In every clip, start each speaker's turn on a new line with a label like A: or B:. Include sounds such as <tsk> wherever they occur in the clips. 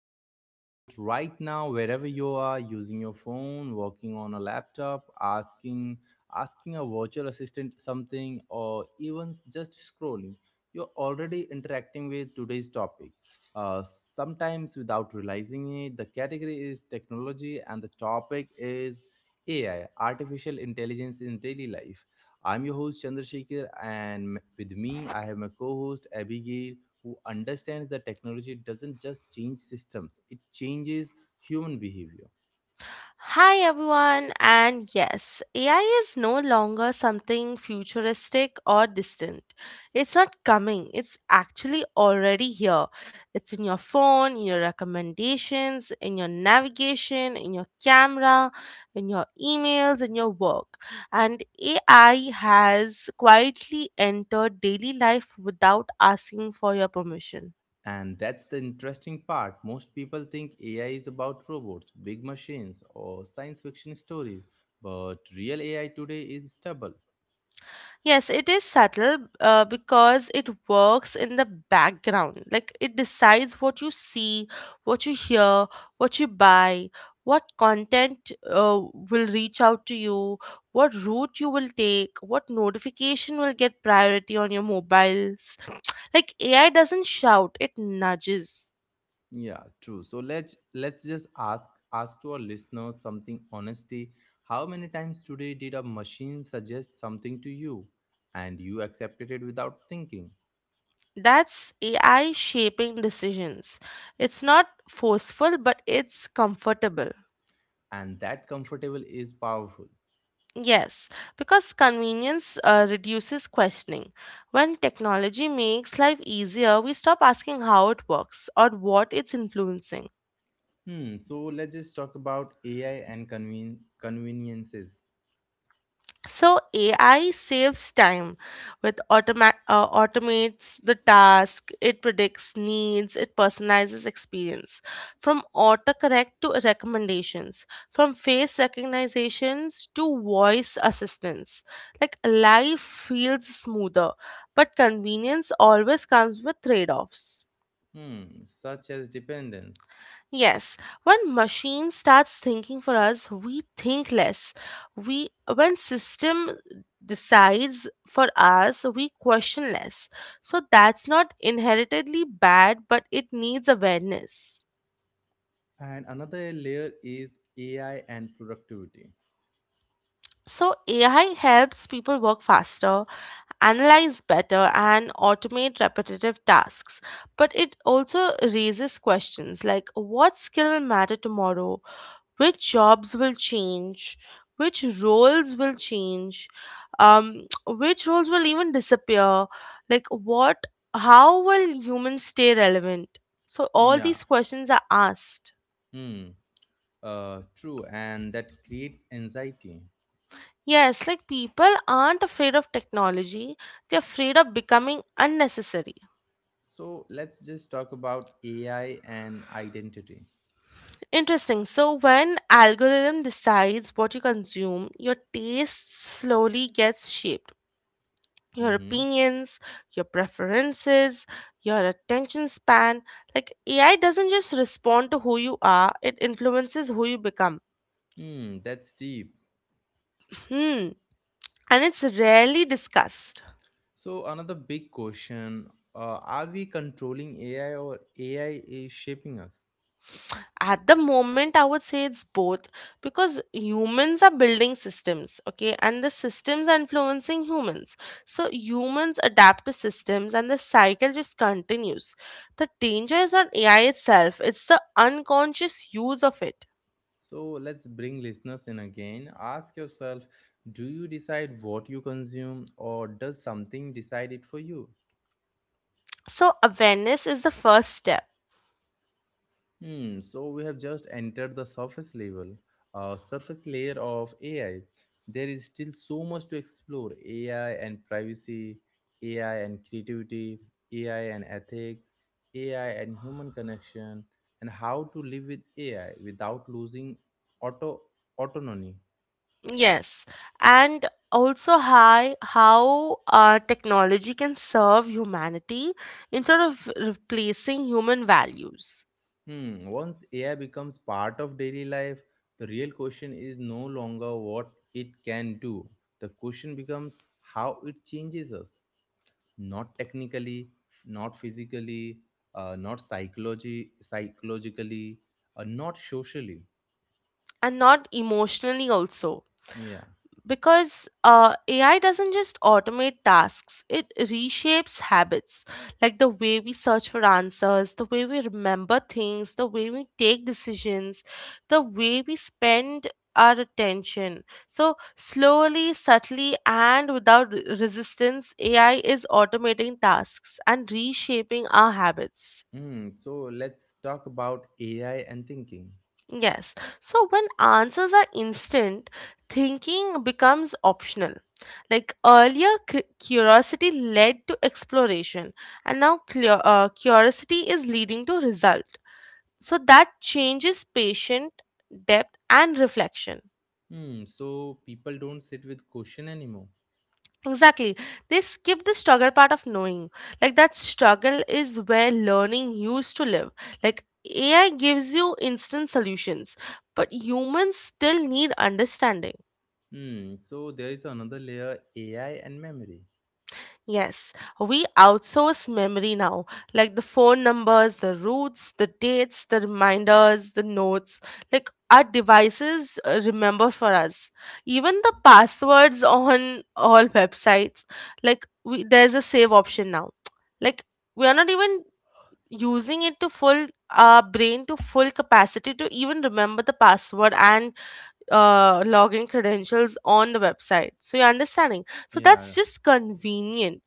A: episode. Right now, wherever you are, using your phone, working on a laptop, asking a virtual assistant something or even just scrolling, you're already interacting with today's topic. Sometimes without realizing it, the category is technology and the topic is AI, artificial intelligence in daily life. I'm your host Chandrasekhar, and with me, I have my co-host Abigail who understands that technology doesn't just change systems, it changes human behavior.
B: Hi everyone, and yes, AI is no longer something futuristic or distant. It's not coming, it's actually already here. It's in your phone, in your recommendations, in your navigation, in your camera, in your emails, in your work. And AI has quietly entered daily life without asking for your permission.
A: And that's the interesting part. Most people think AI is about robots, big machines, or science fiction stories, but real AI today is stubble.
B: Yes, it is subtle because it works in the background. Like it decides what you see, what you hear, what you buy, what content will reach out to you, what route you will take, what notification will get priority on your mobiles. Like AI doesn't shout, it nudges.
A: Yeah, true. So let's just ask to our listeners something honestly. How many times today did a machine suggest something to you and you accepted it without thinking?
B: That's AI shaping decisions. It's not forceful, but it's comfortable.
A: And that comfortable is powerful.
B: Yes, because convenience reduces questioning. When technology makes life easier, we stop asking how it works or what it's influencing.
A: Hmm. So let's just talk about AI and conveniences,
B: So AI saves time with automates the task, it predicts needs, it personalizes experience. From autocorrect to recommendations, from face recognitions to voice assistance. Like life feels smoother, but convenience always comes with trade-offs.
A: hmm, such as dependence.
B: Yes, when machine starts thinking for us, we think less. We when system decides for us, we question less. So that's not inheritedly bad, but it needs awareness.
A: And another layer is AI and productivity.
B: So AI helps people work faster, analyze better and automate repetitive tasks, but it also raises questions like what skill will matter tomorrow? Which jobs will change, which roles will change, <tsk> which roles will even disappear, like what, how will humans stay relevant? So all
A: Yeah.
B: these questions are asked.
A: Hmm. True. And that creates anxiety.
B: Yes, like people aren't afraid of technology, they're afraid of becoming unnecessary.
A: So let's just talk about AI and identity.
B: Interesting. So when algorithm decides what you consume, your taste slowly gets shaped. Your
A: Mm-hmm.
B: opinions, your preferences, your attention span. Like AI doesn't just respond to who you are, it influences who you become.
A: Hmm. That's deep.
B: Hmm. And it's rarely discussed.
A: So another big question: are we controlling AI or AI is shaping us?
B: At the moment, I would say it's both, because humans are building systems, okay, and the systems are influencing humans. So humans adapt to systems and the cycle just continues. The danger is not AI itself, it's the unconscious use of it.
A: So let's bring listeners in again. Ask yourself, do you decide what you consume, or does something decide it for you?
B: So awareness is the first step.
A: Hmm, so we have just entered the surface level, surface layer of AI. There is still so much to explore: AI and privacy, AI and creativity, AI and ethics, AI and human connection, and how to live with AI without losing auto autonomy.
B: Yes, and also hi how technology can serve humanity instead of replacing human values.
A: Hmm, once AI becomes part of daily life, the real question is no longer what it can do. The question becomes how it changes us, not technically, not physically, not psychologically, not socially.
B: And not emotionally also,
A: Yeah.
B: because AI doesn't just automate tasks, it reshapes habits, like the way we search for answers, the way we remember things, the way we take decisions, the way we spend our attention. So, slowly, subtly, and without resistance, AI is automating tasks and reshaping our habits.
A: Hmm. So let's talk about AI and thinking.
B: Yes. So when answers are instant, thinking becomes optional. Like earlier, curiosity led to exploration, and now clear, curiosity is leading to result. So that changes patient, depth and reflection.
A: Hmm. So people don't sit with question anymore.
B: Exactly. They skip the struggle part of knowing. Like that struggle is where learning used to live. Like AI gives you instant solutions, but humans still need understanding.
A: Hmm. So there is another layer, AI and memory.
B: Yes, we outsource memory now, like the phone numbers, the routes, the dates, the reminders, the notes. Like our devices remember for us. Even the passwords <laughs> on all websites, like we, there's a save option now. Like we are not even using it to full our brain to full capacity to even remember the password and login credentials on the website. So you're understanding. So that's
A: Yeah.
B: just convenient,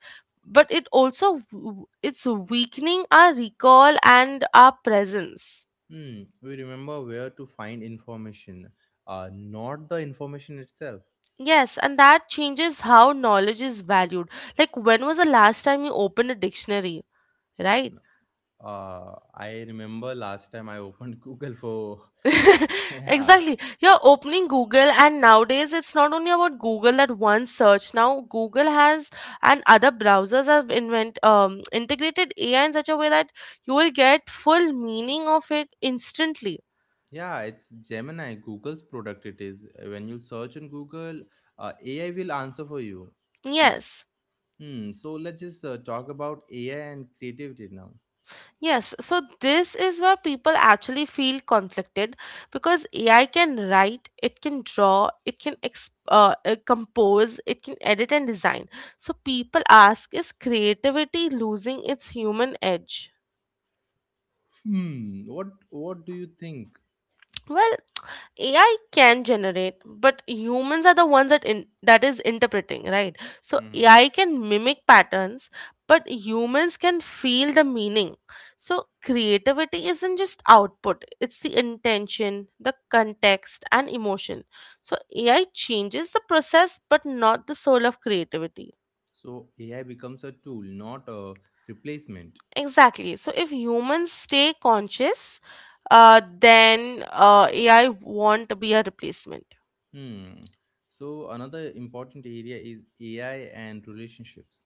B: but it also it's weakening our recall and our presence.
A: Hmm, we remember where to find information, not the information itself.
B: Yes, and that changes how knowledge is valued. Like when was the last time you opened a dictionary, right?
A: No. I remember last time I opened <laughs> Google for, uh, <laughs> yeah,
B: Exactly, you're opening Google, and nowadays it's not only about Google, that one search. Now Google has, and other browsers have invent integrated AI in such a way that you will get full meaning of it instantly.
A: yeah, it's Gemini, Google's product. It is when you search on Google, AI will answer for you. N-
B: Yes.
A: Hmm. So let's just talk about AI and creativity now.
B: Yes, so this is where people actually feel conflicted, because AI can write, it can draw, it can compose, it can edit and design. So people ask, is creativity losing its human edge?
A: Hmm. What do you think?
B: Well, AI can generate, but humans are the ones that is interpreting, right? So
A: Hmm.
B: AI can mimic patterns, but humans can feel the meaning. So creativity isn't just output; it's the intention, the context, and emotion. So AI changes the process, but not the soul of creativity.
A: So AI becomes a tool, not a replacement.
B: Exactly. So if humans stay conscious, then AI won't be a replacement.
A: Hmm. So another important area is AI and relationships.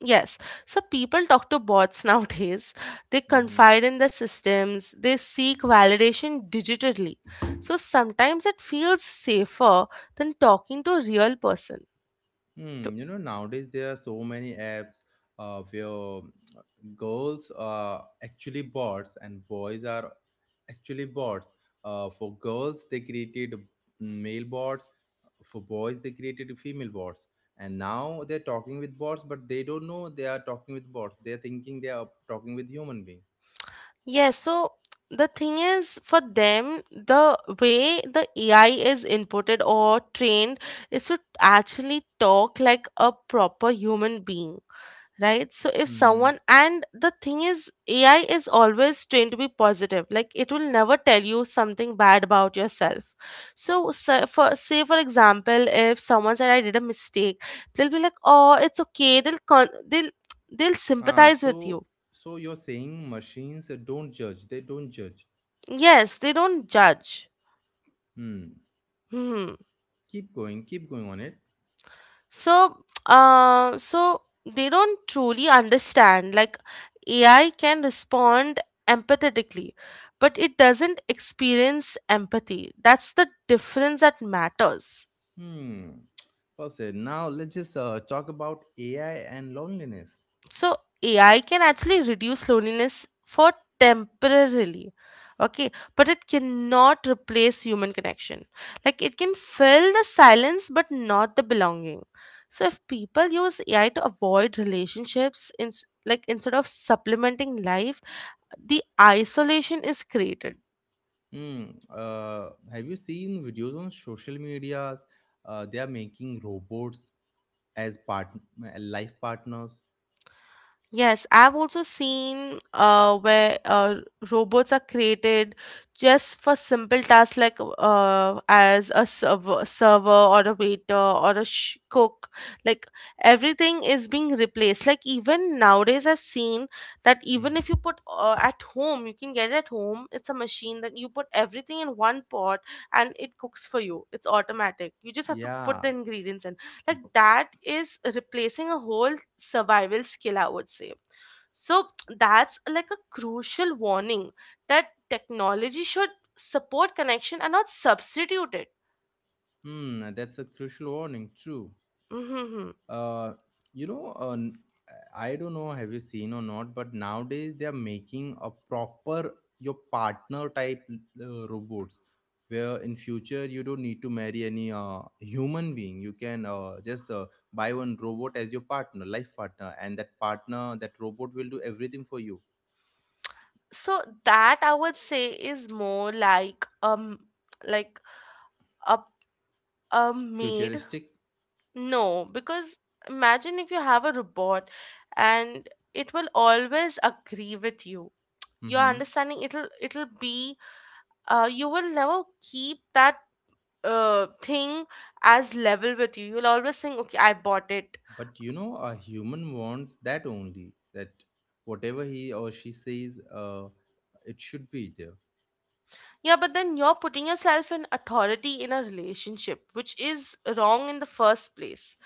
B: Yes, so people talk to bots <laughs> nowadays. They
A: Mm-hmm.
B: confide in the systems, they seek validation digitally. So sometimes it feels safer than talking to a real person. To-
A: Hmm. You know, nowadays there are so many apps where girls are actually bots and boys are actually bots. For girls, they created male bots. For boys, they created female bots. And now they're talking with bots, but they don't know they are talking with bots. They're thinking they are talking with human being.
B: Yes, so the thing is, for them, the way the AI is inputted or trained is to actually talk like a proper human being. Right, so if
A: Mm-hmm.
B: someone, and the thing is, AI is always trained to be positive, like it will never tell you something bad about yourself. So, so for, say for example, if someone said I did a mistake, they'll be like oh it's okay, they'll
A: Ah,
B: sympathize with you.
A: so so you're saying machines don't judge. They don't judge.
B: Yes, they don't judge.
A: Hmm.
B: Hmm.
A: Keep going. Keep going on it.
B: So so they don't truly understand, like AI can respond empathetically, but it doesn't experience empathy. That's the difference that matters.
A: Hmm. Well said. Now let's just talk about AI and loneliness.
B: So AI can actually reduce loneliness for temporarily. Okay, but it cannot replace human connection. Like it can fill the silence but not the belonging. So if people use AI to avoid relationships in, like instead of supplementing life, the isolation is created.
A: Hmm. Have you seen videos on social medias? They are making robots as part life partners.
B: Yes, I've also seen where robots are created just for simple tasks like as a server, server or a waiter or a cook. Like everything is being replaced. Like even nowadays, I've seen that
A: Hmm.
B: even if you put at home, you can get it at home. It's a machine that you put everything in one pot and it cooks for you. It's automatic. You just have to put the
A: Yeah.
B: ingredients in, like that is replacing a whole survival skill, I would say. So that's like a crucial warning that technology should support connection and not substitute it.
A: Hmm. That's a crucial warning. True.
B: Hmm.
A: Uh, you know, uh, n- I don't know have you seen or not, but nowadays they are making a proper your partner type robots where in future you don't need to marry any human being. You can just buy one robot as your partner, life partner, and that partner, that robot will do everything for you.
B: So that I would say is more like a a maid.
A: Futuristic.
B: No, because imagine if you have a robot, and it will always agree with you, your
A: Mm-hmm.
B: understanding, it'll, it'll be, you will never keep that thing as level with you. You'll always think, okay, I bought it.
A: But you know a human wants that only, that whatever he or she says, it should be there.
B: Yeah, but then you're putting yourself in authority in a relationship, which is wrong in the first place,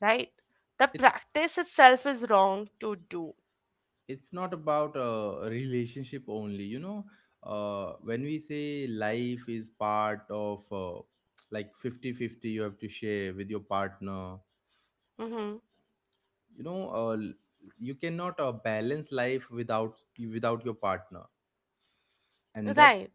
B: right? The
A: It's
B: practice itself is wrong to do.
A: not about a relationship only, you know. When we say life is part of like 50-50, you have to share with your partner.
B: Mm-hmm.
A: You know, you cannot balance life without your partner. and that
B: Right.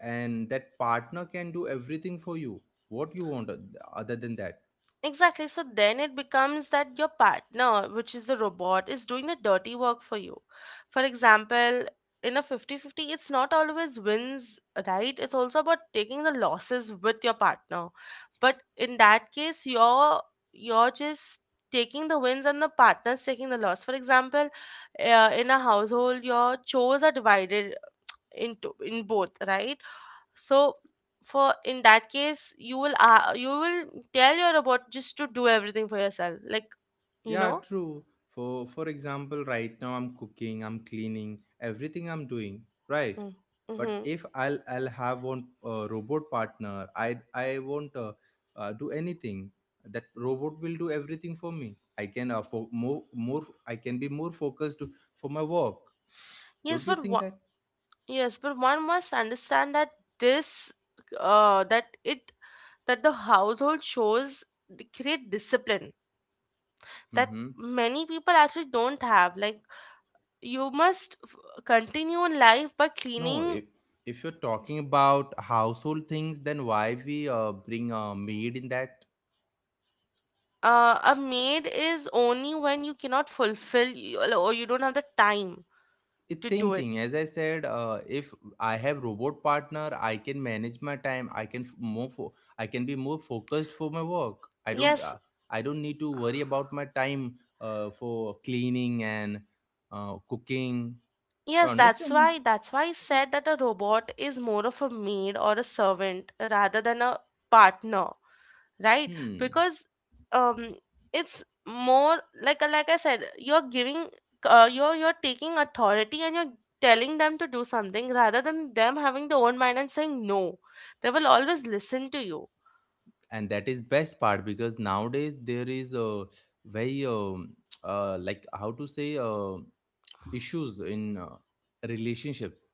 A: and that partner can do everything for you, what you want, other than that.
B: Exactly. So then it becomes that your partner, which is the robot, is doing the dirty work for you. For example, in a 50-50, it's not always wins, right? It's also about taking the losses with your partner. But in that case, you're just taking the wins and the partner's taking the loss. For example, in a household, your chores are divided into in both, right? So for in that case you will tell your robot just to do everything for yourself, like you
A: Yeah,
B: know.
A: true. For example, right now I'm cooking, I'm cleaning, everything I'm doing, right? But
B: Mm-hmm.
A: if I'll have one robot partner, I won't do anything. That robot will do everything for me. I can be more focused for my work.
B: yes
A: Don't you
B: but
A: think
B: one,
A: that?
B: yes, but one must understand that this, that it, that the household shows the great discipline that
A: Mm-hmm.
B: many people actually don't have, like you must continue in life by
A: No,
B: cleaning.
A: if you're talking about household things, then why we bring a maid in that?
B: A maid is only when you cannot fulfill you, or you don't have the time
A: It's
B: to
A: same
B: do it.
A: thing as I said, if I have robot partner, I can manage my time. I can be more focused for my work.
B: Yes,
A: I don't need to worry about my time for cleaning and cooking. You
B: yes, that's
A: understanding.
B: why, that's why I said that a robot is more of a maid or a servant rather than a partner, right?
A: Hmm
B: Because um it's more like I said, you're giving you're taking authority, and you're telling them to do something rather than them having their own mind and saying no. They will always listen to you.
A: and that is best part, because nowadays there is a very <tsk> like how to say, issues in relationships.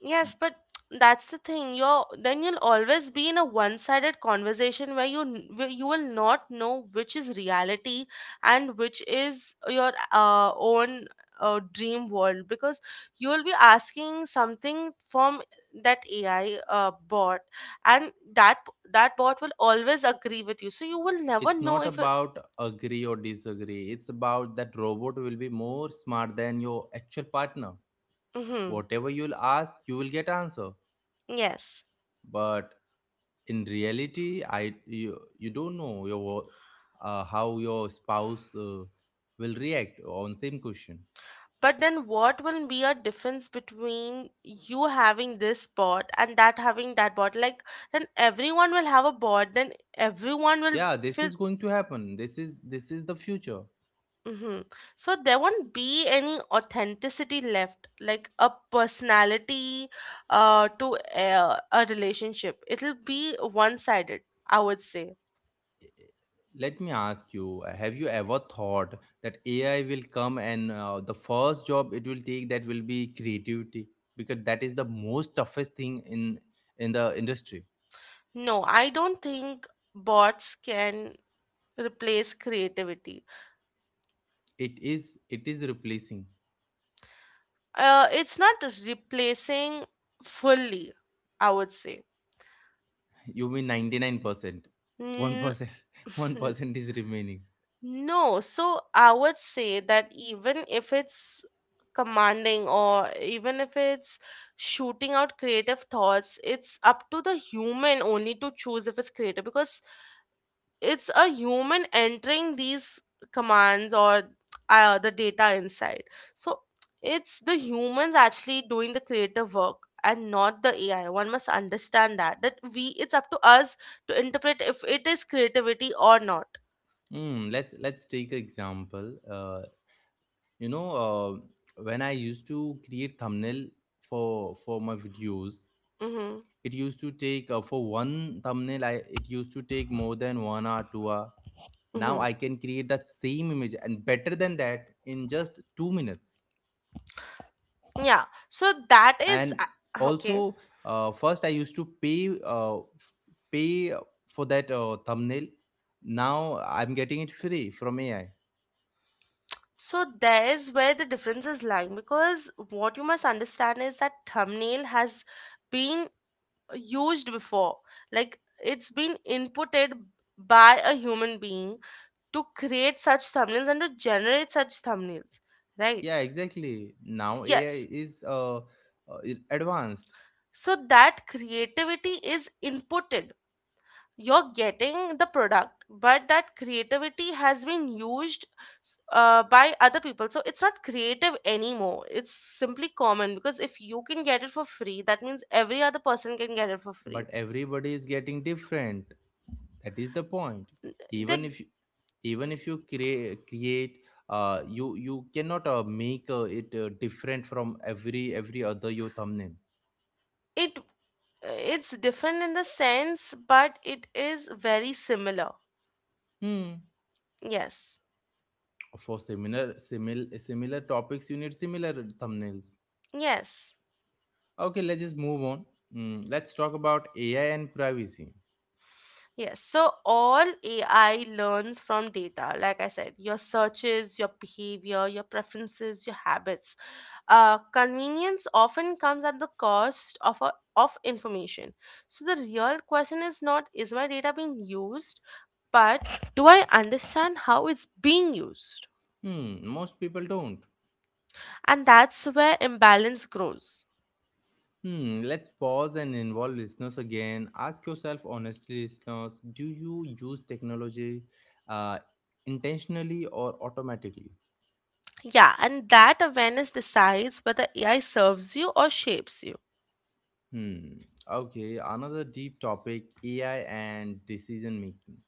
B: Yes, but that's the thing. You're, then you'll always be in a one-sided conversation where you where you will not know which is reality and which is your own dream world, because you will be asking something from that AI bot, and that bot will always agree with you. So you will never
A: It's
B: know
A: not
B: if you're.
A: about agree or disagree, it's about that robot will be more smart than your actual partner.
B: Hmm.
A: Whatever you'll ask, you will get answer.
B: Yes.
A: But in reality, you don't know how your spouse will react on same question.
B: But then, what will be a difference between you having this bot and that having that bot? Like, then everyone will have a bot, then everyone will
A: Yeah, this
B: feel.
A: is going to happen. This is the future.
B: Hmm. So, there won't be any authenticity left, like a personality to a relationship. It'll be one sided, I would say.
A: Let me ask you, have you ever thought that AI will come and the first job it will take, that will be creativity, because that is the most toughest thing in the industry.
B: No, I don't think bots can replace creativity.
A: It is replacing.
B: It's not replacing fully, I would say.
A: You mean 99%?
B: N-
A: 1%,
B: n-
A: 1% <laughs> is remaining.
B: no, so I would say that even if it's commanding, or even if it's shooting out creative thoughts, it's up to the human only to choose if it's creative, because it's a human entering these commands or the data inside. So it's the humans actually doing the creative work and not the AI. One must understand that, that we, it's up to us to interpret if it is creativity or not.
A: Hmm. Let's take an example. uh, when I used to create thumbnail for for my videos,
B: Mm-hmm.
A: it used to take, for one thumbnail, it used to take more than 1 hour, 2 hour. Now
B: Mm-hmm.
A: I can create that same image and better than that in just 2 minutes.
B: Yeah, so that is
A: And
B: uh, okay
A: also, first I used to pay for that thumbnail. Now I'm getting it free from AI.
B: so there is where the difference is lying, because what you must understand is that thumbnail has been used before. Like, it's been inputted by a human being to create such thumbnails and to generate such thumbnails, right?
A: Yeah, exactly. Now AI
B: Yes.
A: is advanced.
B: So that creativity is inputted. You're getting the product, but that creativity has been used by other people. So it's not creative anymore. It's simply common, because if you can get it for free, that means every other person can get it for
A: But
B: free.
A: everybody is getting different, that is the point. Even
B: They're
A: if, even if you create, you you cannot make it different from every other your thumbnail.
B: it it's different in the sense, but it is very similar.
A: Hmm.
B: Yes,
A: For similar topics you need similar thumbnails.
B: yes,
A: Okay, let's just move on. Hmm, let's talk about AI and privacy.
B: yes, so all AI learns from data. Like I said, your searches, your behavior, your preferences, your habits. Convenience often comes at the cost of information. So the real question is not, is my data being used, but do I understand how it's being used?
A: Hmm, most people don't.
B: And that's where imbalance grows.
A: Hmm, let's pause and involve listeners again. Ask yourself honestly, listeners, do you use technology uh, intentionally or automatically?
B: Yeah, and that awareness decides whether AI serves you or shapes you.
A: Hmm. Okay. Another deep topic, AI and decision making.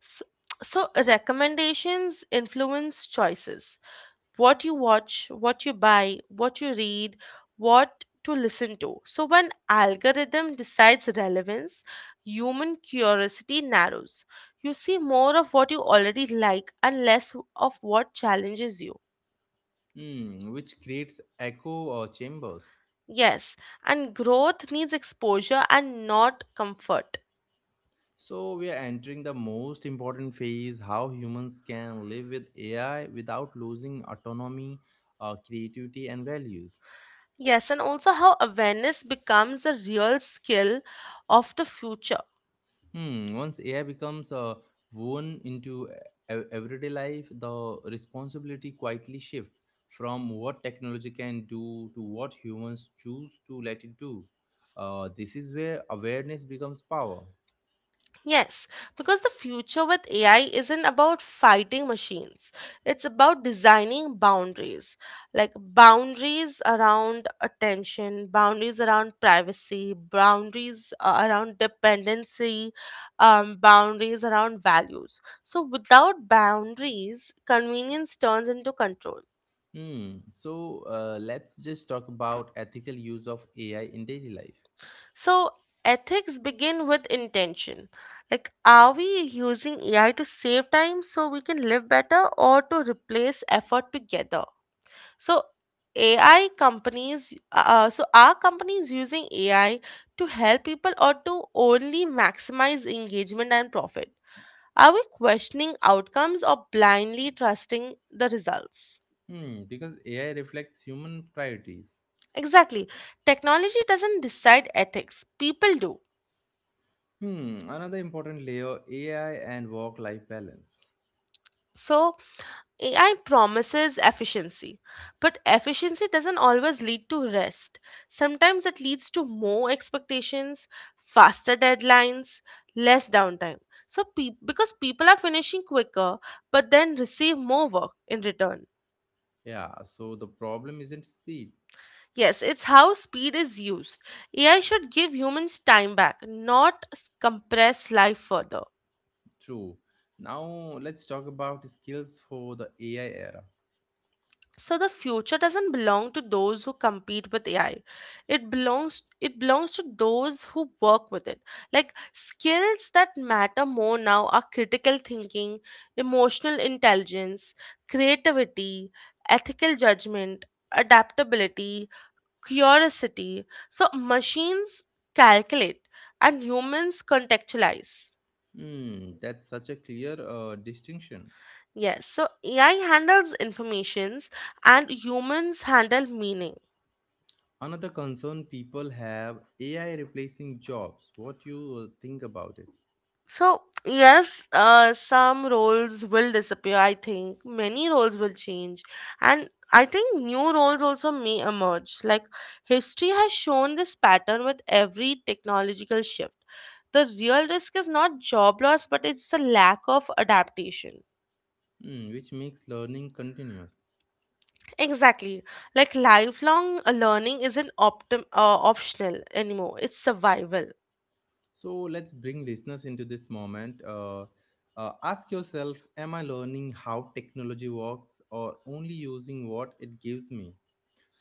B: So, so, recommendations influence choices. What you watch, what you buy, what you read, what to listen to. So when algorithm decides relevance, human curiosity narrows. You see more of what you already like and less of what challenges you.
A: Hmm, which creates echo chambers.
B: Yes, and growth needs exposure and not comfort.
A: So, we are entering the most important phase, how humans can live with AI without losing autonomy, creativity, and values.
B: Yes, and also how awareness becomes a real skill of the future.
A: Hmm. Once AI becomes woven into everyday life, the responsibility quietly shifts from what technology can do to what humans choose to let it do. This is where awareness becomes power.
B: Yes, because the future with AI isn't about fighting machines. It's about designing boundaries, like boundaries around attention, boundaries around privacy, boundaries around dependency, boundaries around values. So, without boundaries, convenience turns into control.
A: Hmm. So let's just talk about ethical use of AI in daily life.
B: So, ethics begin with intention. Like, are we using AI to save time so we can live better, or to replace effort together? So, AI companies, are companies using AI to help people or to only maximize engagement and profit? Are we questioning outcomes or blindly trusting the results?
A: Hmm. Because AI reflects human priorities.
B: Exactly. Technology doesn't decide ethics, people do.
A: Hmm. Another important layer, AI and work life balance.
B: So, AI promises efficiency, but efficiency doesn't always lead to rest. Sometimes it leads to more expectations, faster deadlines, less downtime. So, because people are finishing quicker but then receive more work in return.
A: Yeah. So the problem isn't speed.
B: Yes, it's how speed is used. AI should give humans time back, not compress life further.
A: True. Now let's talk about skills for the AI era.
B: So the future doesn't belong to those who compete with AI. It belongs to those who work with it. Like, skills that matter more now are critical thinking, emotional intelligence, creativity, ethical judgment, adaptability, curiosity. So machines calculate and humans contextualize.
A: Hmm, that's such a clear distinction.
B: Yes, so AI handles informations and humans handle meaning.
A: Another concern people have, AI replacing jobs. What you think about it?
B: So, yes, some roles will disappear, I think. Many roles will change. And I think new roles also may emerge. Like, history has shown this pattern with every technological shift. The real risk is not job loss, but it's the lack of adaptation.
A: Hmm, which makes learning continuous.
B: Exactly. Like, lifelong learning isn't optional anymore, it's survival.
A: So let's bring listeners into this moment. Ask yourself, am I learning how technology works or only using what it gives me?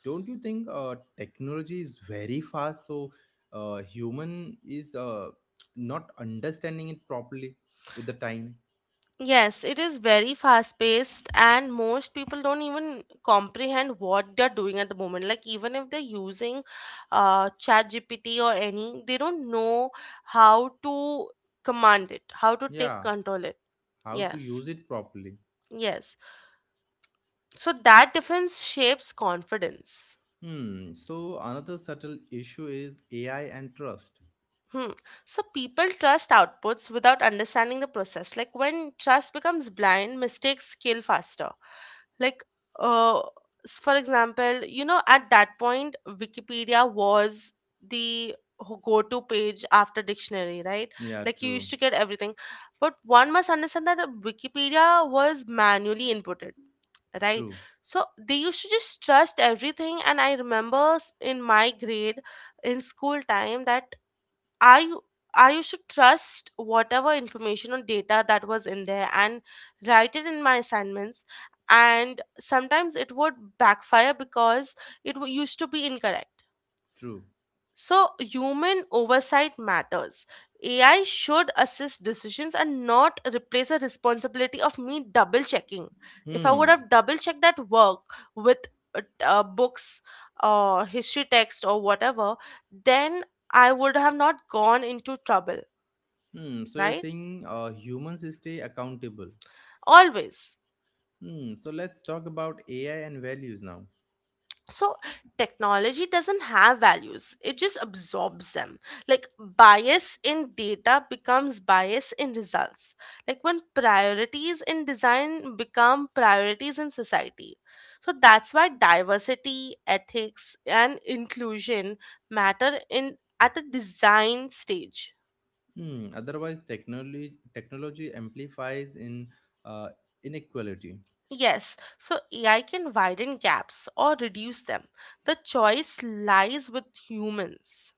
A: Don't you think technology is very fast, so human is not understanding it properly with the time?
B: Yes, it is very fast paced, and most people don't even comprehend what they're doing at the moment. Like, even if they're using ChatGPT or any, they don't know how to command it, how to take
A: Yeah,
B: control it.
A: how to
B: Yes,
A: use it properly.
B: yes. So, that difference shapes confidence.
A: Hmm, so another subtle issue is AI and trust.
B: Hmm. So people trust outputs without understanding the process. Like, when trust becomes blind, mistakes scale faster. Like, uh, for example, you know, at that point, Wikipedia was the go-to page after dictionary, right?
A: Yeah,
B: Like, you
A: true.
B: used to get everything, but one must understand that Wikipedia was manually inputted. Right,
A: True.
B: so they used to just trust everything. And I remember in my grade, in school time, that I u- I used to trust whatever information or data that was in there and write it in my assignments. And sometimes it would backfire because it used to be incorrect.
A: True.
B: So human oversight matters. AI should assist decisions and not replace the responsibility of me double checking. If I would
A: Hmm.
B: have double checked that work with books or history text or whatever, then I would have not gone into trouble,
A: Hmm, so you're
B: right?
A: saying humans stay accountable.
B: Always.
A: Hmm, so let's talk about AI and values now.
B: So, technology doesn't have values, it just absorbs them. Like, bias in data becomes bias in results. Like, when priorities in design become priorities in society. So, that's why diversity, ethics, and inclusion matter in at the design stage.
A: Hmm. Otherwise, technology amplifies in uh, inequality.
B: Yes, so AI can widen gaps or reduce them. The choice lies with humans.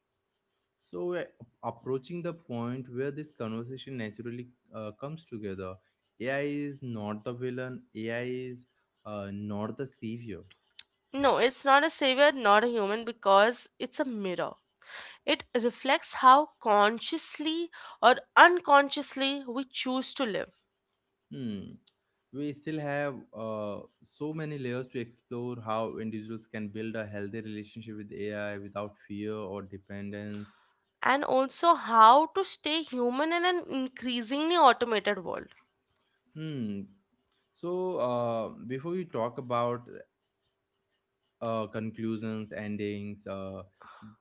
A: So we're approaching the point where this conversation naturally comes together. AI is not the villain. AI is not the savior.
B: No, it's not a savior, not a human, because it's a mirror. It reflects how consciously or unconsciously we choose to live,
A: Hmm. We still have so many layers to explore, how individuals can build a healthy relationship with AI without fear or dependence.
B: and also how to stay human in an increasingly automated world.
A: Hmm. So, before we talk about conclusions, endings.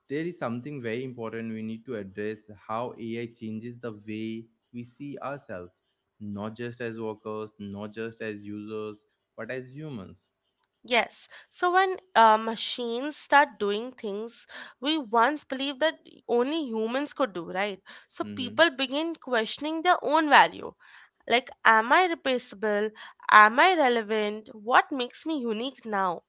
A: There is something very important we need to address, how AI changes the way we see ourselves, not just as workers, not just as users, but as humans.
B: Yes, so when machines start doing things we once believed that only humans could do, right? So
A: Hmm.
B: people begin questioning their own value. Like, am I replaceable? Am I relevant? What makes me unique now?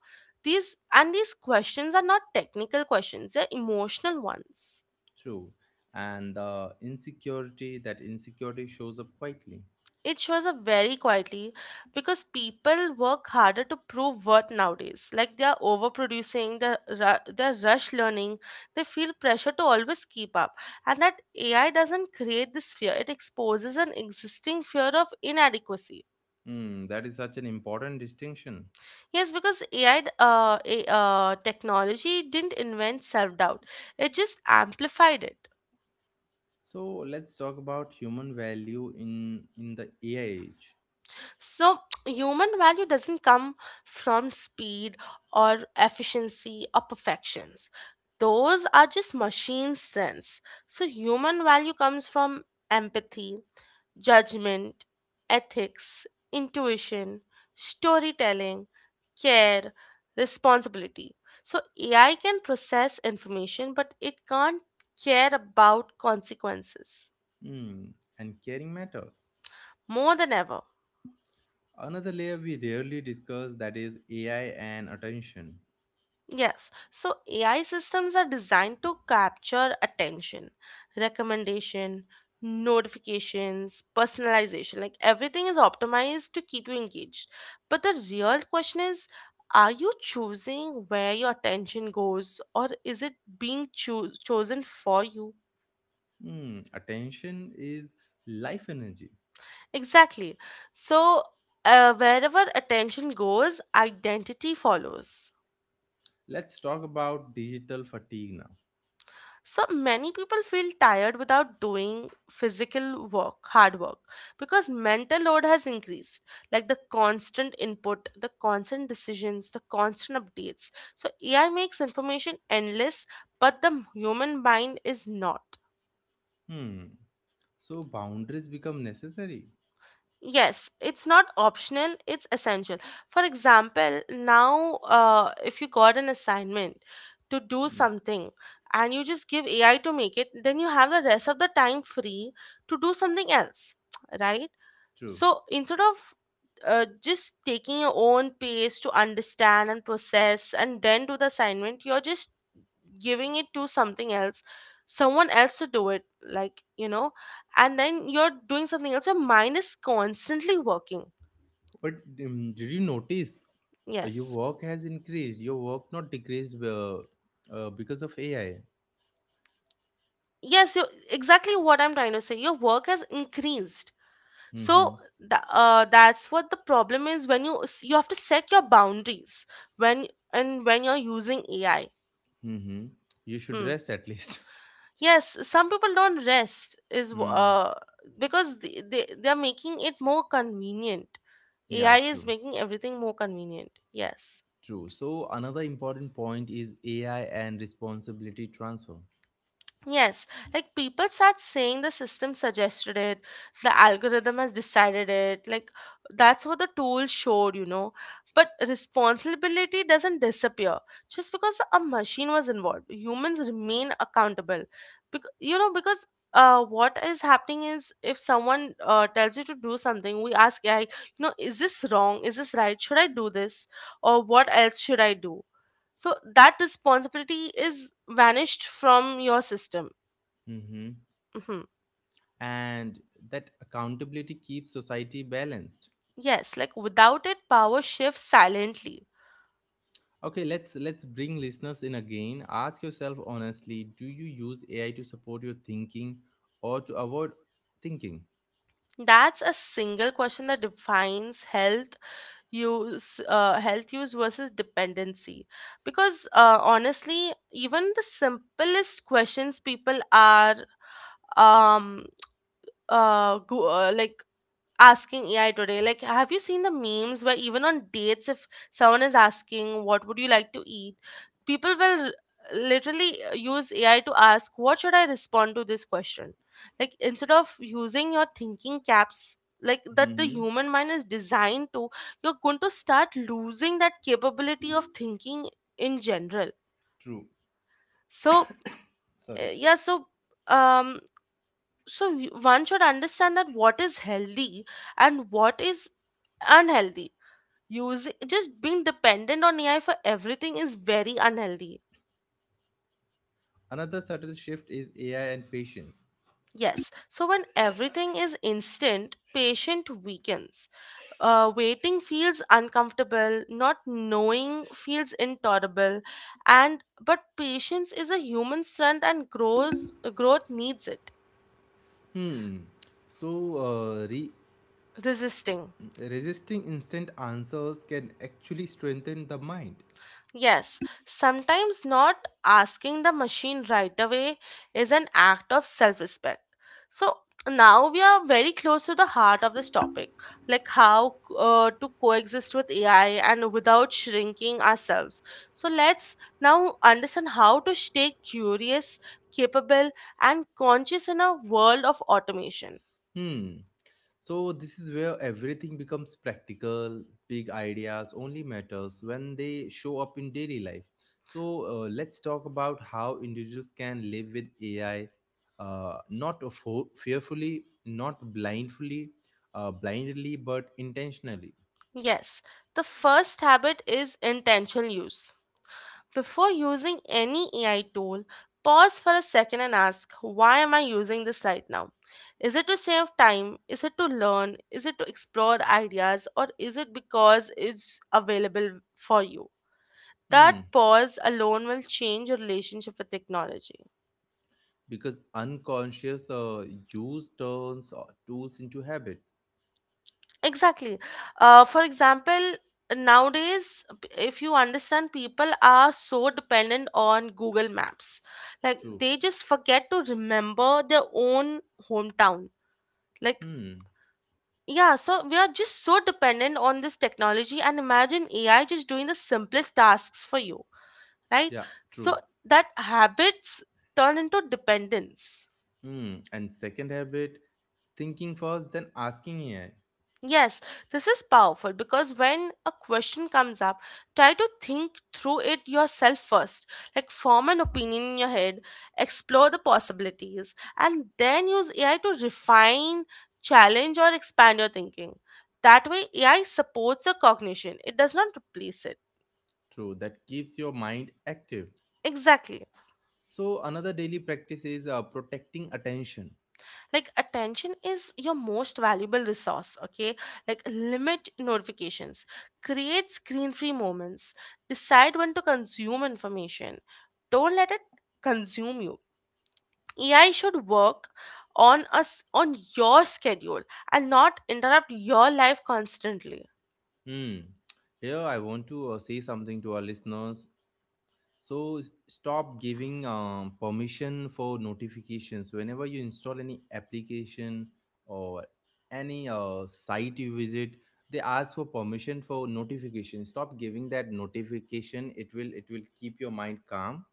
B: These and these questions are not technical questions, they're emotional ones.
A: True. And the insecurity, that insecurity shows up quietly.
B: It shows up very quietly because people work harder to prove worth nowadays. Like, they are overproducing, they're rush learning, they feel pressure to always keep up. And that AI doesn't create this fear, it exposes an existing fear of inadequacy.
A: Hmm, that is such an important distinction.
B: Yes, because technology didn't invent self doubt, it just amplified it.
A: So let's talk about human value in the AI age.
B: So, <tsk> human value doesn't come from speed or efficiency or perfections. Those are just machine strengths. So, human value comes from empathy, judgment, ethics, intuition, storytelling, care, responsibility. So, AI can process information, but it can't care about consequences
A: Hmm, and caring matters.
B: more than ever.
A: Another layer we rarely discuss, that is AI and attention.
B: Yes, so AI systems are designed to capture attention, recommendation, notifications, personalization. Like, everything is optimized to keep you engaged. But the real question is, are you choosing where your attention goes, or is it being chosen for you?
A: Hmm, attention is life energy.
B: Exactly. So, wherever attention goes, identity follows.
A: Let's talk about digital fatigue now.
B: So many people feel tired without doing physical work, hard work, because mental load has increased. Like, the constant input, the constant decisions, the constant updates. So AI makes information endless, but the human mind is not.
A: Hmm. So boundaries become necessary.
B: Yes, it's not optional, it's essential. For example, now if you got an assignment to do
A: Hmm,
B: something and you just give AI to make it, then you have the rest of the time free to do something else, right?
A: true.
B: So instead of just taking your own pace to understand and process and then do the assignment, you're just giving it to something else, someone else to do it, like, you know, and then you're doing something else. Your mind is constantly working.
A: But did you notice your
B: Yes.
A: work has increased? Your work not decreased, because of AI.
B: Yes, you exactly what I'm trying to say. Your work has increased.
A: Mm-hmm.
B: So that's what the problem is, when you you have to set your boundaries when and when you're using AI.
A: Mm-hmm. You should
B: Hmm.
A: rest at least. <laughs>
B: Yes, some people don't rest
A: Hmm.
B: because they are making it more convenient.
A: Yeah,
B: AI is
A: true.
B: making everything more convenient. Yes.
A: True. So another important point is AI and responsibility transfer.
B: Yes, like people start saying the system suggested it, the algorithm has decided it. Like, that's what the tool showed, you know. But responsibility doesn't disappear just because a machine was involved. Humans remain accountable. You know, because what is happening is, if someone tells you to do something, we ask AI, you know, is this wrong? Is this right? Should I do this? Or what else should I do? So that responsibility is vanished from your system.
A: Hmm.
B: Mhm.
A: And that accountability keeps society balanced.
B: Yes, like without it, power shifts silently.
A: Okay, let's bring listeners in again. Ask yourself honestly, do you use AI to support your thinking or to avoid thinking?
B: That's a single question that defines health use versus dependency. Because honestly, even the simplest questions people are um like asking AI today. Like, have you seen the memes where even on dates, if someone is asking, "What would you like to eat?" people will literally use AI to ask, "What should I respond to this question?" Like, instead of using your thinking caps, like that the
A: hmm
B: human mind is designed to, you're going to start losing that capability of thinking in general.
A: True.
B: So, uh,
A: Sorry.
B: yeah, so, um, One should understand that what is healthy and what is unhealthy use. Just being dependent on AI for everything is very unhealthy.
A: Another subtle shift is AI and patience.
B: Yes, so when everything is instant, patient weakens. Waiting feels uncomfortable, not knowing feels intolerable, and but patience is a human strength and grows growth needs it.
A: Hmm. So, uh, re-
B: Resisting.
A: resisting instant answers can actually strengthen the mind.
B: Yes, sometimes not asking the machine right away is an act of self respect. So now we are very close to the heart of this topic, like how to coexist with AI and without shrinking ourselves. So let's now understand how to stay curious, capable, and conscious in a world of automation.
A: Hmm. So this is where everything becomes practical. Big ideas only matters when they show up in daily life. So let's talk about how individuals can live with AI, not fo- fearfully, not blindfully, blindly, but intentionally.
B: Yes, the first habit is intentional use. Before using any AI tool, pause for a second and ask, why am I using this right now? Is it to save time? Is it to learn? Is it to explore ideas? Or is it because it's available for you? That
A: Hmm.
B: pause alone will change your relationship with technology.
A: Because unconscious use turns tools into habit.
B: Exactly. For example, nowadays, if you understand, people are so dependent on Google Maps. Like
A: True.
B: they just forget to remember their own hometown. Like,
A: Hmm.
B: yeah, so we are just so dependent on this technology, and imagine AI just doing the simplest tasks for you, right?
A: Yeah. True.
B: So that habits turn into dependence.
A: Hmm. And second habit, thinking first then asking AI.
B: Yes, this is powerful because when a question comes up, try to think through it yourself first. Like, form an opinion in your head, explore the possibilities, and then use AI to refine, challenge, or expand your thinking. That way, AI supports your cognition, it does not replace it.
A: True, that keeps your mind active.
B: Exactly.
A: So another daily practice is protecting attention.
B: Like attention is your most valuable resource, okay? Like limit notifications, create screen-free moments, decide when to consume information. Don't let it consume you. AI should work on us on your schedule and not interrupt your life constantly.
A: Hmm. Here I want to say something to our listeners. Stop giving permission for notifications. Whenever you install any application or any site you visit, they ask for permission for notification. Stop giving that notification. It will keep your mind calm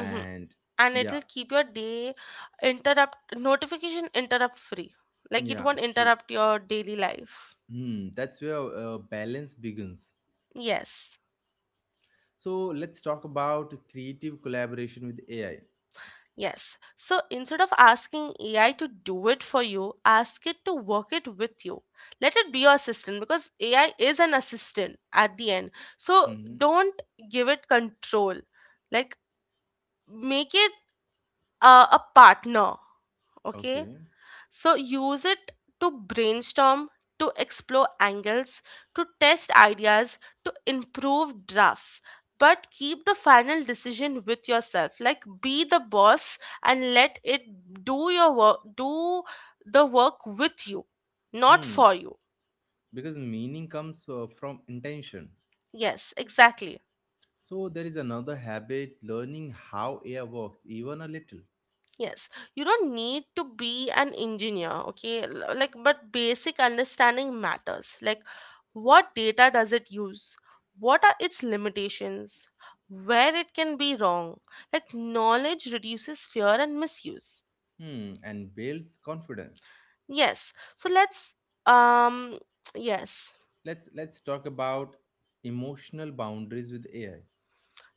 B: Mhm. And
A: yeah,
B: it'll keep your day interrupt notification interrupt free. Like it
A: yeah,
B: won't
A: true.
B: interrupt your daily life.
A: Hmm, that's where balance begins.
B: Yes.
A: So let's talk about creative collaboration with AI.
B: Yes. So instead of asking AI to do it for you, ask it to work it with you. Let it be your assistant because AI is an assistant at the end. So
A: hmm
B: don't give it control. Like make it a partner. Okay.
A: Okay.
B: So use it to brainstorm, to explore angles, to test ideas, to improve drafts. But keep the final decision with yourself. Like be the boss and let it do your work, do the work with you, not
A: Hmm.
B: for you.
A: Because meaning comes from intention.
B: Yes, exactly.
A: So there is another habit, learning how AI works, even a little.
B: Yes, you don't need to be an engineer, okay? Like, but basic understanding matters. Like, what data does it use? What are its limitations? Where it can be wrong? Like, knowledge reduces fear and misuse.
A: Hmm, and builds confidence.
B: Yes, so um, <tsk> yes.
A: Let's talk about emotional boundaries with AI.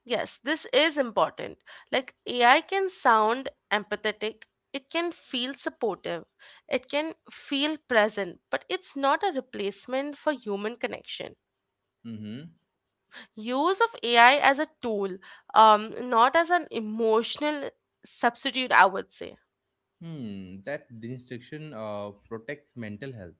B: Yes, this is important. Like AI can sound empathetic, it can feel supportive, it can feel present, but it's not a replacement for human connection.
A: Mm-hmm.
B: Use of AI as a tool, not as an emotional substitute, I would say.
A: Hmm. That distinction protects mental health.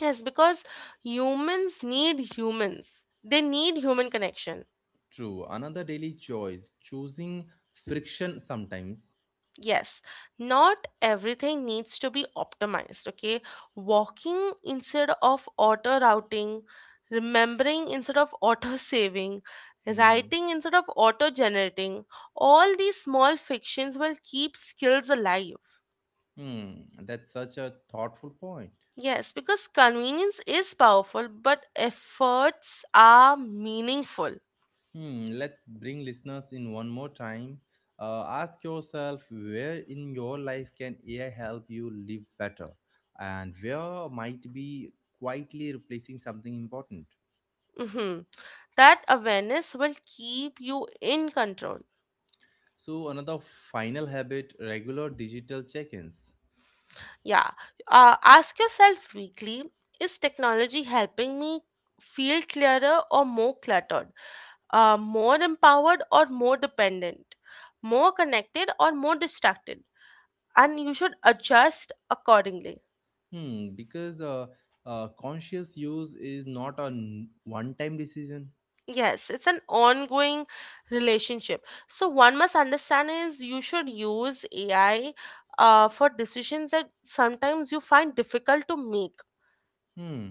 B: Yes, because humans need humans. They need human connection.
A: True. Another daily choice, choosing friction sometimes.
B: Yes, not everything needs to be optimized, okay? Walking instead of auto routing, remembering instead of auto saving,
A: hmm
B: writing instead of auto generating, all these small fictions will keep skills alive.
A: Hmm. That's such a thoughtful point.
B: Yes, because convenience is powerful, but efforts are meaningful.
A: Hmm. Let's bring listeners in one more time. Ask yourself where in your life can AI help you live better, and where might be quietly replacing something important.
B: Mhm. That awareness will keep you in control.
A: So another final habit: regular digital check-ins.
B: Yeah. Ask yourself weekly, is technology helping me feel clearer or more cluttered? More empowered or more dependent? More connected or more distracted? And you should adjust accordingly.
A: Hmm. Because conscious use is not a one-time decision.
B: Yes, it's an ongoing relationship. So, one must understand is you should use AI for decisions that sometimes you find difficult to make.
A: Hmm.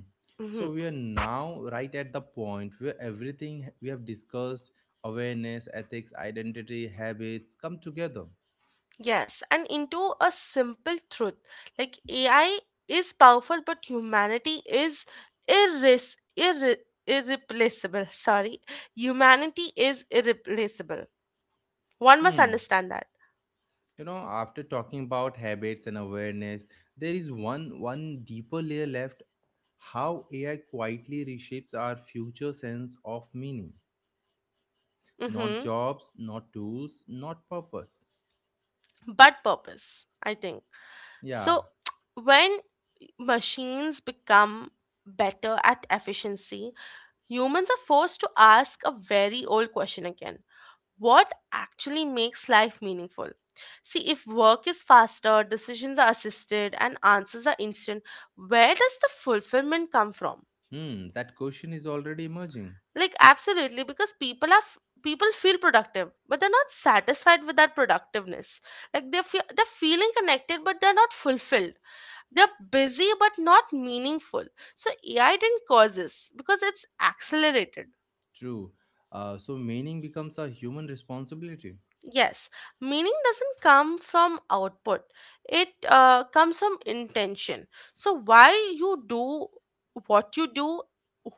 A: So
B: Mhm.
A: we are now right at the point where everything we have discussed, awareness, ethics, identity, habits, come together.
B: Yes, and into a simple truth, like AI is powerful, but humanity is irres- irre- irreplaceable. Sorry, humanity is irreplaceable. One must
A: Hmm.
B: understand that.
A: You know, after talking about habits and awareness, there is one deeper layer left, how AI quietly reshapes our future sense of meaning. Not
B: Mm-hmm.
A: jobs, not tools, not purpose.
B: But purpose, I think.
A: Yeah,
B: So, <tsk> when machines become better at efficiency, humans are forced to ask a very old question again, what actually makes life meaningful? See, if work is faster, decisions are assisted, and answers are instant, where does the fulfillment come from?
A: hmm, that question is already emerging.
B: Like, absolutely, because people feel productive but they're not satisfied with that productiveness, like they feel they're feeling connected but they're not fulfilled, they're busy but not meaningful. So AI didn't cause this because it's accelerated.
A: True. So meaning becomes a human responsibility.
B: Yes, meaning doesn't come from output, it comes from intention. So, why you do what you do,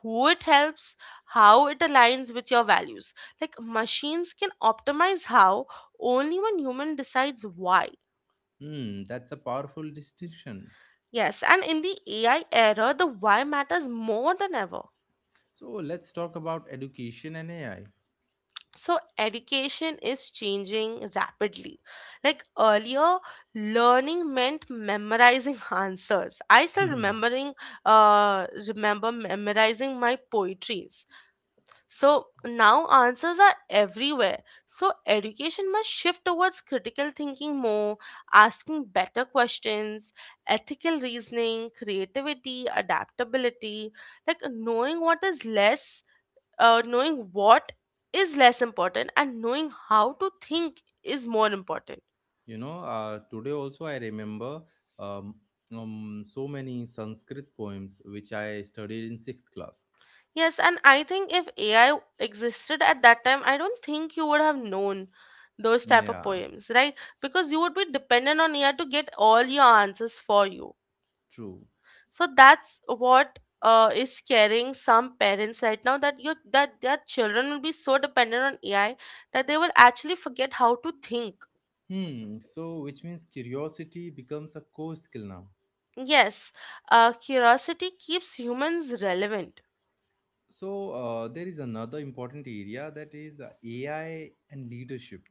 B: who it helps, how it aligns with your values. Like machines can optimize how only when human decides why.
A: Hmm, that's a powerful distinction.
B: Yes, and in the AI era, the why matters more than ever.
A: So let's talk about education and AI.
B: So education is changing rapidly. Like earlier, learning meant memorizing <laughs> answers. I still
A: <laughs>
B: remembering remember memorizing my poetries. So now answers are everywhere, so education must shift towards critical thinking more, asking better questions, ethical reasoning, creativity, adaptability. Like knowing what is less knowing what is less important and knowing how to think is more important.
A: You know, today also I remember um, so many Sanskrit poems which I studied in sixth class.
B: Yes, and I think if AI existed at that time, I don't think you would have known those type of
A: Yeah,
B: poems, right? Because you would be dependent on AI to get all your answers for you.
A: true.
B: So that's what is scaring some parents right now, that you that their children will be so dependent on AI that they will actually forget how to think.
A: Hmm, so which means curiosity becomes a core skill now.
B: Yes, curiosity keeps humans relevant.
A: So there is another important area, that is AI and leadership.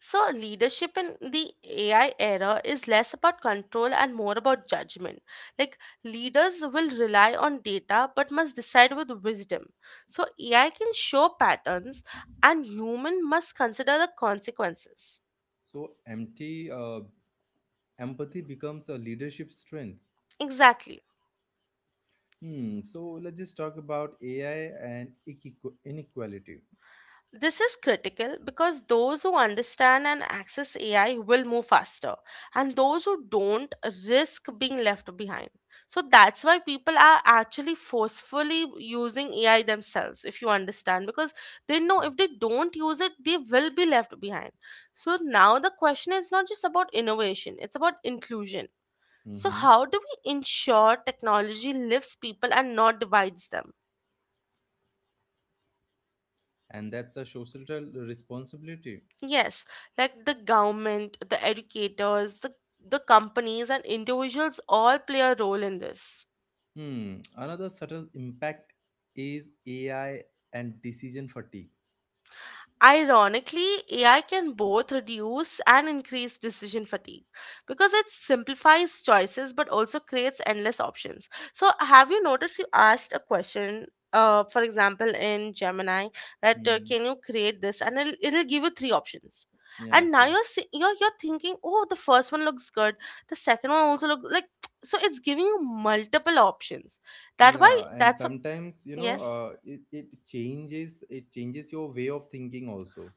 B: So, leadership in the AI era is less about control and more about judgment. Like, leaders will rely on data but must decide with wisdom. So, AI can show patterns and human must consider the consequences.
A: So empty empathy becomes a leadership strength.
B: Exactly.
A: Hmm. So let's just talk about AI and inequality.
B: This is critical because those who understand and access AI will move faster, and those who don't risk being left behind. So that's why people are actually forcefully using AI themselves, if you understand, because they know if they don't use it, they will be left behind. So now the question is not just about innovation, it's about inclusion. So,
A: hmm
B: how do we ensure technology lifts people and not divides them?
A: And that's a social responsibility.
B: Yes, like the government, the educators, the companies, and individuals all play a role in this.
A: Hmm. Another subtle impact is AI and decision fatigue.
B: Ironically, AI can both reduce and increase decision fatigue because it simplifies choices but also creates endless options. So, have you noticed you asked a question, for example, in Gemini, that
A: hmm
B: can you create this, and it'll give you three options.
A: Yeah,
B: And now
A: true.
B: you're, si- you're thinking, oh, the first one looks good, the second one also looks like <tsk> so it's giving you multiple options. That why
A: Yeah, and
B: that's
A: sometimes you know,
B: yes.
A: it changes, it changes your way of thinking also.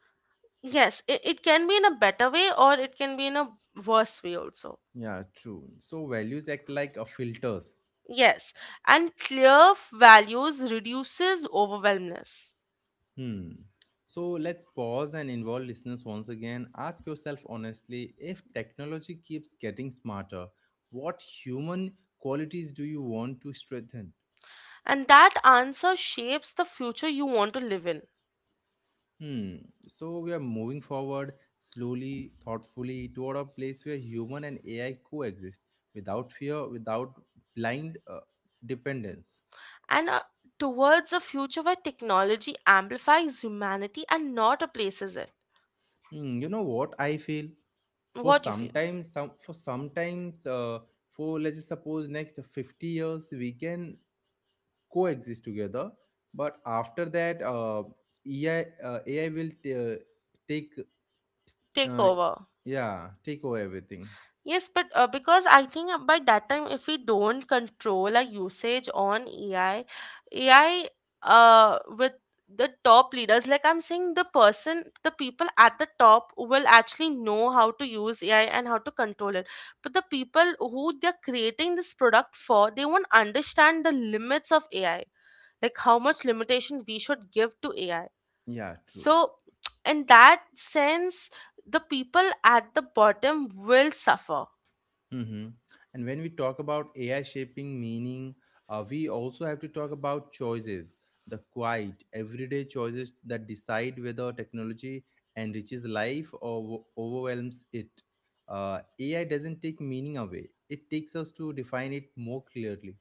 B: Yes, it can be in a better way or it can be in a worse way also.
A: Yeah, true. So values act like a filters.
B: Yes, and clear values reduces overwhelmness.
A: Hmm. So let's pause and involve listeners once again. Ask yourself honestly, if technology keeps getting smarter, what human qualities do you want to strengthen?
B: And that answer shapes the future you want to live in.
A: Hmm. So we are moving forward slowly, thoughtfully, toward a place where human and AI coexist without fear, without blind dependence.
B: And towards a future where technology amplifies humanity and not replaces it.
A: Hmm. You know what I feel? for
B: What do you feel?
A: sometimes some for sometimes uh, for let's just suppose next 50 years we can coexist together, but after that ai uh, ai will t- uh, take,
B: Take
A: uh,
B: over.
A: yeah, take over everything.
B: Yes, but because I think by that time, if we don't control our usage on AI, AI with the top leaders, like I'm saying, the people at the top will actually know how to use AI and how to control it. But the people who they're creating this product for, they won't understand the limits of AI, like how much limitation we should give to AI.
A: Yeah, true.
B: So, <tsk> in that sense, the people at the bottom will suffer.
A: Hmm, and when we talk about AI shaping meaning, we also have to talk about choices, the quiet everyday choices that decide whether technology enriches life or overwhelms it. uh, AI doesn't take meaning away, it takes us to define it more clearly.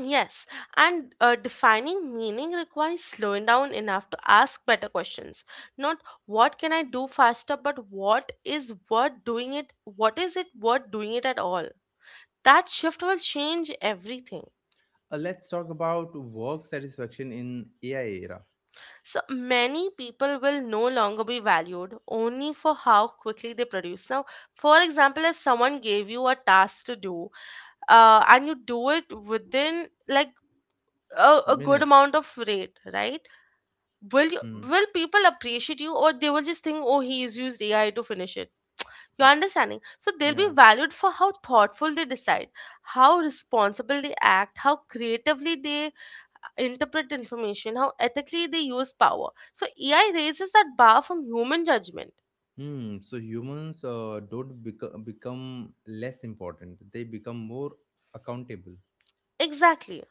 B: Yes, and defining meaning requires slowing down enough to ask better questions. Not what can I do faster, but what is worth doing it? What is it worth doing it at all? That shift will change everything.
A: Let's talk about work satisfaction in AI era.
B: So many people will no longer be valued only for how quickly they produce. Now, for example, if someone gave you a task to do, and you do it within like a good
A: Minutes.
B: amount of rate, right?
A: Hmm.
B: Will people appreciate you, or they will just think, oh, he is used AI to finish it? You're understanding? So they'll be
A: Yeah.
B: valued for how thoughtful they decide, how responsible they act, how creatively they interpret information, how ethically they use power. So AI raises that bar from human judgment.
A: Hmm. So humans don't beco- become less important. They become more accountable.
B: Exactly.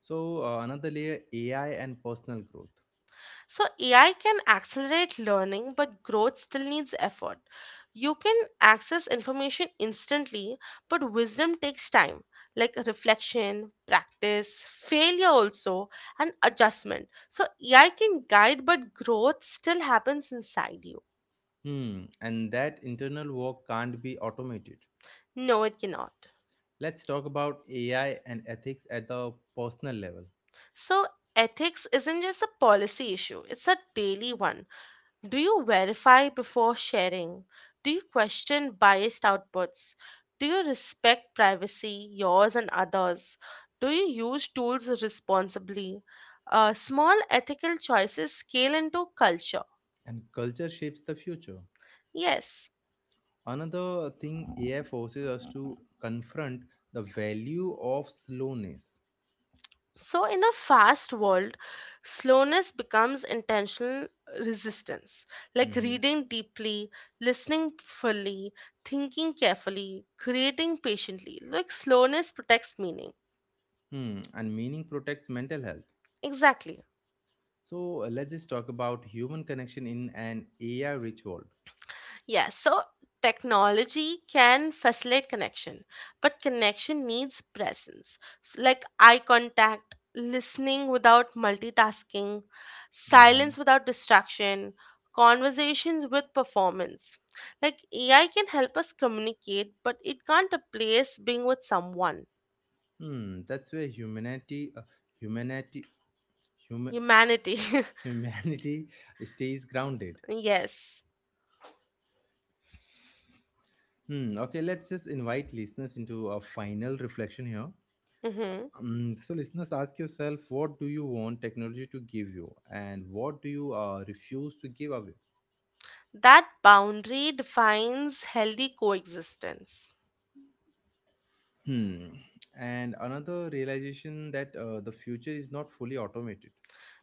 A: So another layer, AI and personal growth.
B: So, AI can accelerate learning, but growth still needs effort. You can access information instantly, but wisdom takes time, like reflection, practice, failure also, and adjustment. So, AI can guide, but growth still happens inside you.
A: Hmm. And that internal work can't be automated.
B: No, it cannot.
A: Let's talk about AI and ethics at the personal level.
B: So, ethics isn't just a policy issue, it's a daily one. Do you verify before sharing? Do you question biased outputs? Do you respect privacy, yours and others? Do you use tools responsibly? Small ethical choices scale into culture.
A: And culture shapes the future.
B: Yes.
A: Another thing AI forces us to confront, the value of slowness.
B: So, in a fast world, slowness becomes intentional resistance, like
A: Mhm.
B: reading deeply, listening fully, thinking carefully, creating patiently. Like, slowness protects meaning.
A: Hmm. And meaning protects mental health.
B: Exactly.
A: So let's just talk about human connection in an AI rich world.
B: Yes, so technology can facilitate connection, but connection needs presence, like eye contact, listening without multitasking,
A: Mhm.
B: silence without distraction, conversations with performance. Like AI can help us communicate, but it can't replace being with someone.
A: Hmm. That's where humanity, human,
B: Humanity.
A: <laughs> humanity stays grounded.
B: <laughs> Yes.
A: Hmm. Okay, let's just invite listeners into a final reflection here.
B: Hmm.
A: So, listeners, ask yourself what do you want technology to give you, and what do you refuse to give away?
B: That boundary defines healthy coexistence.
A: Hmm. And another realization, that the future is not fully automated.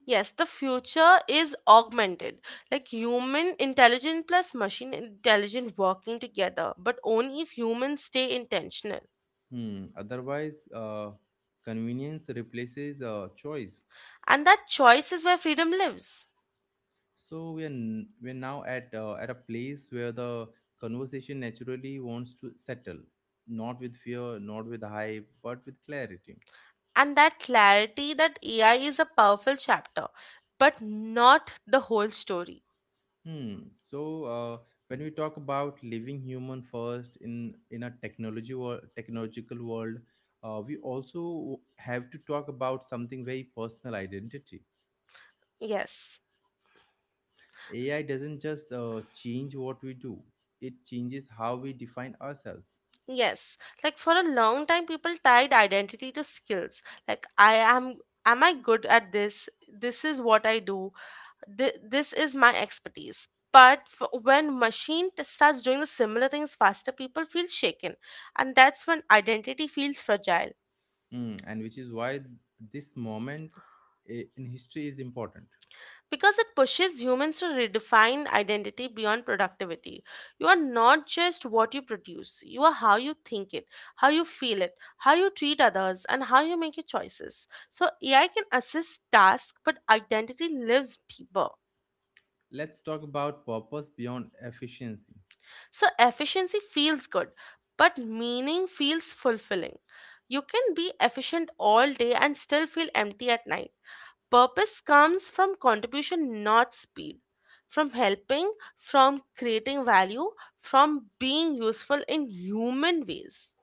B: Yes, the future is augmented, like human intelligence plus machine intelligence working together, but only if humans stay intentional.
A: Hmm. Otherwise, convenience replaces choice.
B: And that choice is where freedom lives.
A: So we're now at a place where the conversation naturally wants to settle, not with fear, not with hype, but with clarity.
B: And that clarity, that AI is a powerful chapter, but not the whole story.
A: Hmm. So when we talk about living human first in a technology or technological world, we also have to talk about something very personal, identity.
B: Yes.
A: AI doesn't just change what we do; it changes how we define ourselves.
B: Yes, like for a long time, people tied identity to skills. Like, am I good at this? This is what I do. This is my expertise. But when starts doing the similar things faster, people feel shaken, and that's when identity feels fragile.
A: Hmm. And which is why this moment in history is important.
B: Because it pushes humans to redefine identity beyond productivity. You are not just what you produce, you are how you think it, how you feel it, how you treat others, and how you make your choices. So, AI can assist tasks, but identity lives deeper.
A: Let's talk about purpose beyond efficiency.
B: So efficiency feels good, but meaning feels fulfilling. You can be efficient all day and still feel empty at night. Purpose comes from contribution, not speed. From helping, from creating value, from being useful in human ways.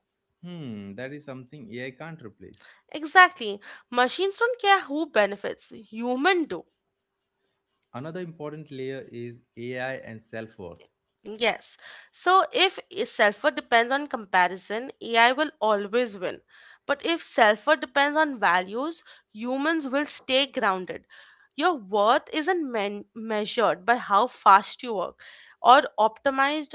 A: Hmm. That is something AI can't replace.
B: Exactly. Machines don't care who benefits, human do.
A: Another important layer is AI and self worth.
B: Yes. So if self-worth depends on comparison, AI will always win. But if self-worth depends on values, humans will stay grounded. Your worth isn't measured by how fast you work or optimized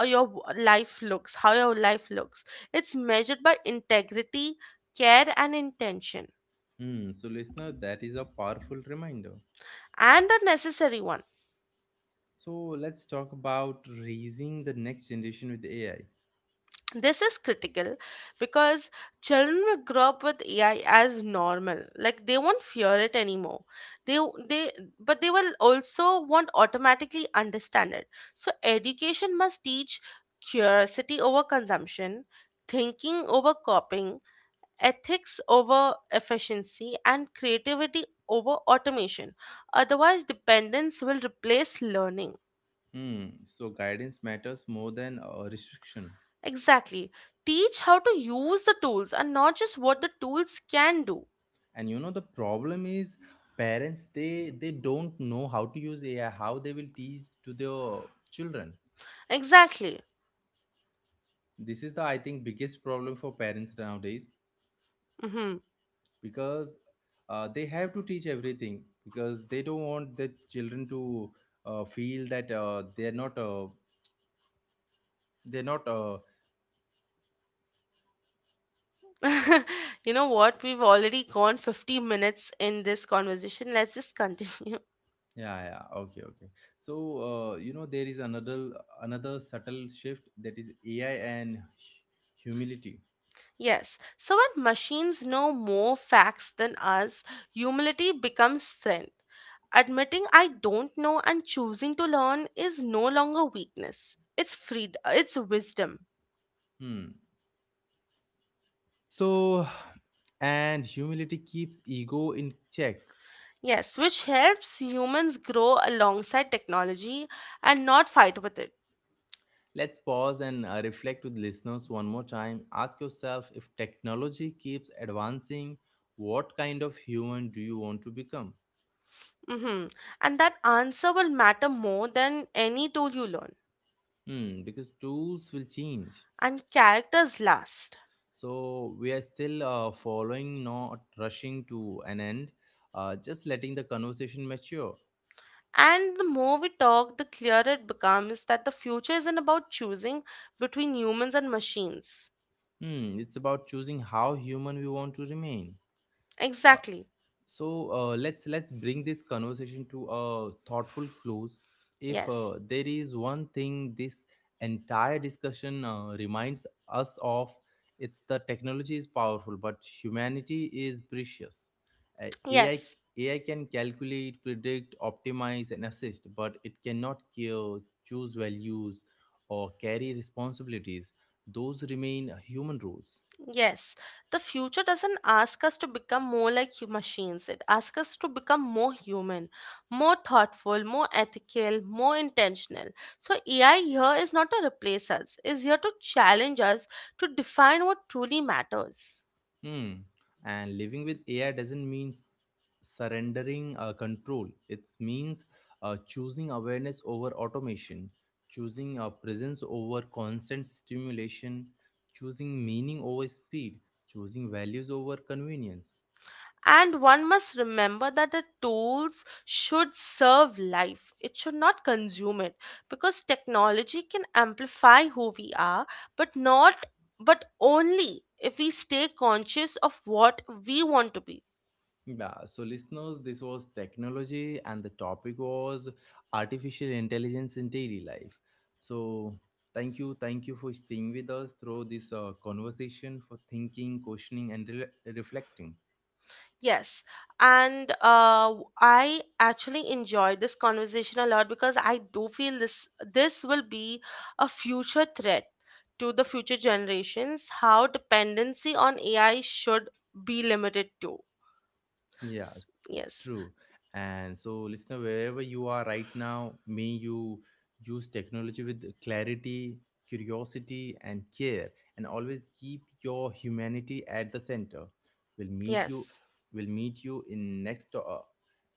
B: or your w- life looks, how your life looks. It's measured by integrity, care, and intention,
A: Hmm, so, listener, that is a powerful reminder.
B: and a necessary one.
A: So, let's talk about raising the next generation with AI.
B: This is critical because children will grow up with AI as normal. Like they won't fear it anymore. They they but they will also won't automatically understand it. So education must teach curiosity over consumption, thinking over copying, ethics over efficiency, and creativity over automation. Otherwise, dependence will replace learning.
A: Hmm, so, guidance matters more than restriction.
B: Exactly. Teach how to use the tools and not just what the tools can do.
A: And you know, the problem is parents, they don't know how to use AI, how they will teach to their children.
B: Exactly.
A: This is the, I think, biggest problem for parents nowadays.
B: Hmm.
A: Because they have to teach everything, because they don't want the children to feel that they're not
B: You know what? We've already gone 50 minutes in this conversation. Let's just continue. <laughs>
A: yeah, yeah, okay, okay. So you know, there is another subtle shift, that is AI and humility.
B: Yes. So, when machines know more facts than us, humility becomes strength. Admitting I don't know and choosing to learn is no longer weakness. It's wisdom.
A: hmm so and humility keeps ego in check.
B: Yes, which helps humans grow alongside technology and not fight with it.
A: Let's pause and reflect with listeners one more time. Ask yourself, if technology keeps advancing, what kind of human do you want to become?
B: Mm-hmm. And that answer will matter more than any tool you learn.
A: Hmm, because tools will change.
B: And characters last.
A: So we are still following, not rushing to an end, just letting the conversation mature.
B: And the more we talk, the clearer it becomes that the future isn't about choosing between humans and machines.
A: Hmm, it's about choosing how human we want to remain.
B: Exactly.
A: So let's bring this conversation to a thoughtful close. If
B: Yes.
A: there is one thing this entire discussion reminds us of, it's the technology is powerful, but humanity is precious. uh, ai
B: Yes.
A: AI can calculate, predict, optimize, and assist, but it cannot care, choose values, or carry responsibilities. Those remain human roles.
B: Yes, the future doesn't ask us to become more like machines. It asks us to become more human, more thoughtful, more ethical, more intentional. So, AI here is not to replace us, is here to challenge us to define what truly matters.
A: Hmm. And living with AI doesn't mean surrendering control. It means choosing awareness over automation, choosing presence over constant stimulation, choosing meaning over speed, choosing values over convenience.
B: And one must remember that the tools should serve life. It should not consume it, because technology can amplify who we are, but not but only if we stay conscious of what we want to be.
A: Yeah, so listeners, this was technology, and the topic was artificial intelligence in daily life. So, thank you for staying with us through this conversation, for thinking, questioning, and reflecting.
B: Yes. And I actually enjoy this conversation a lot because I do feel this will be a future threat to the future generations, how dependency on AI should be limited to.
A: Yeah,
B: Yes,
A: true. And so, listener, wherever you are right now, may you use technology with clarity, curiosity, and care, and always keep your humanity at the center. We'll meet you.
B: yes,
A: We'll meet you in next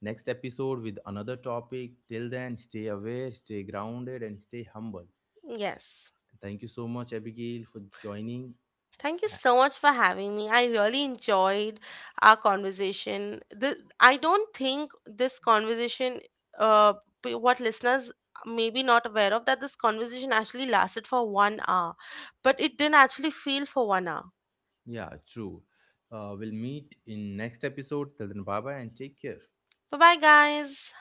A: next episode with another topic. Till then, stay aware, stay grounded, and stay humble.
B: yes.
A: Thank you so much, Abigail, for joining.
B: Thank you
A: Uh,
B: so much for having me. I really enjoyed our conversation. The, I don't think this conversation, uh, what listeners may be not aware of, that this conversation actually lasted for 1 hour, but it didn't actually feel for 1 hour.
A: yeah, true. We'll meet in next episode. Till then, bye bye, and take care.
B: Bye bye, guys.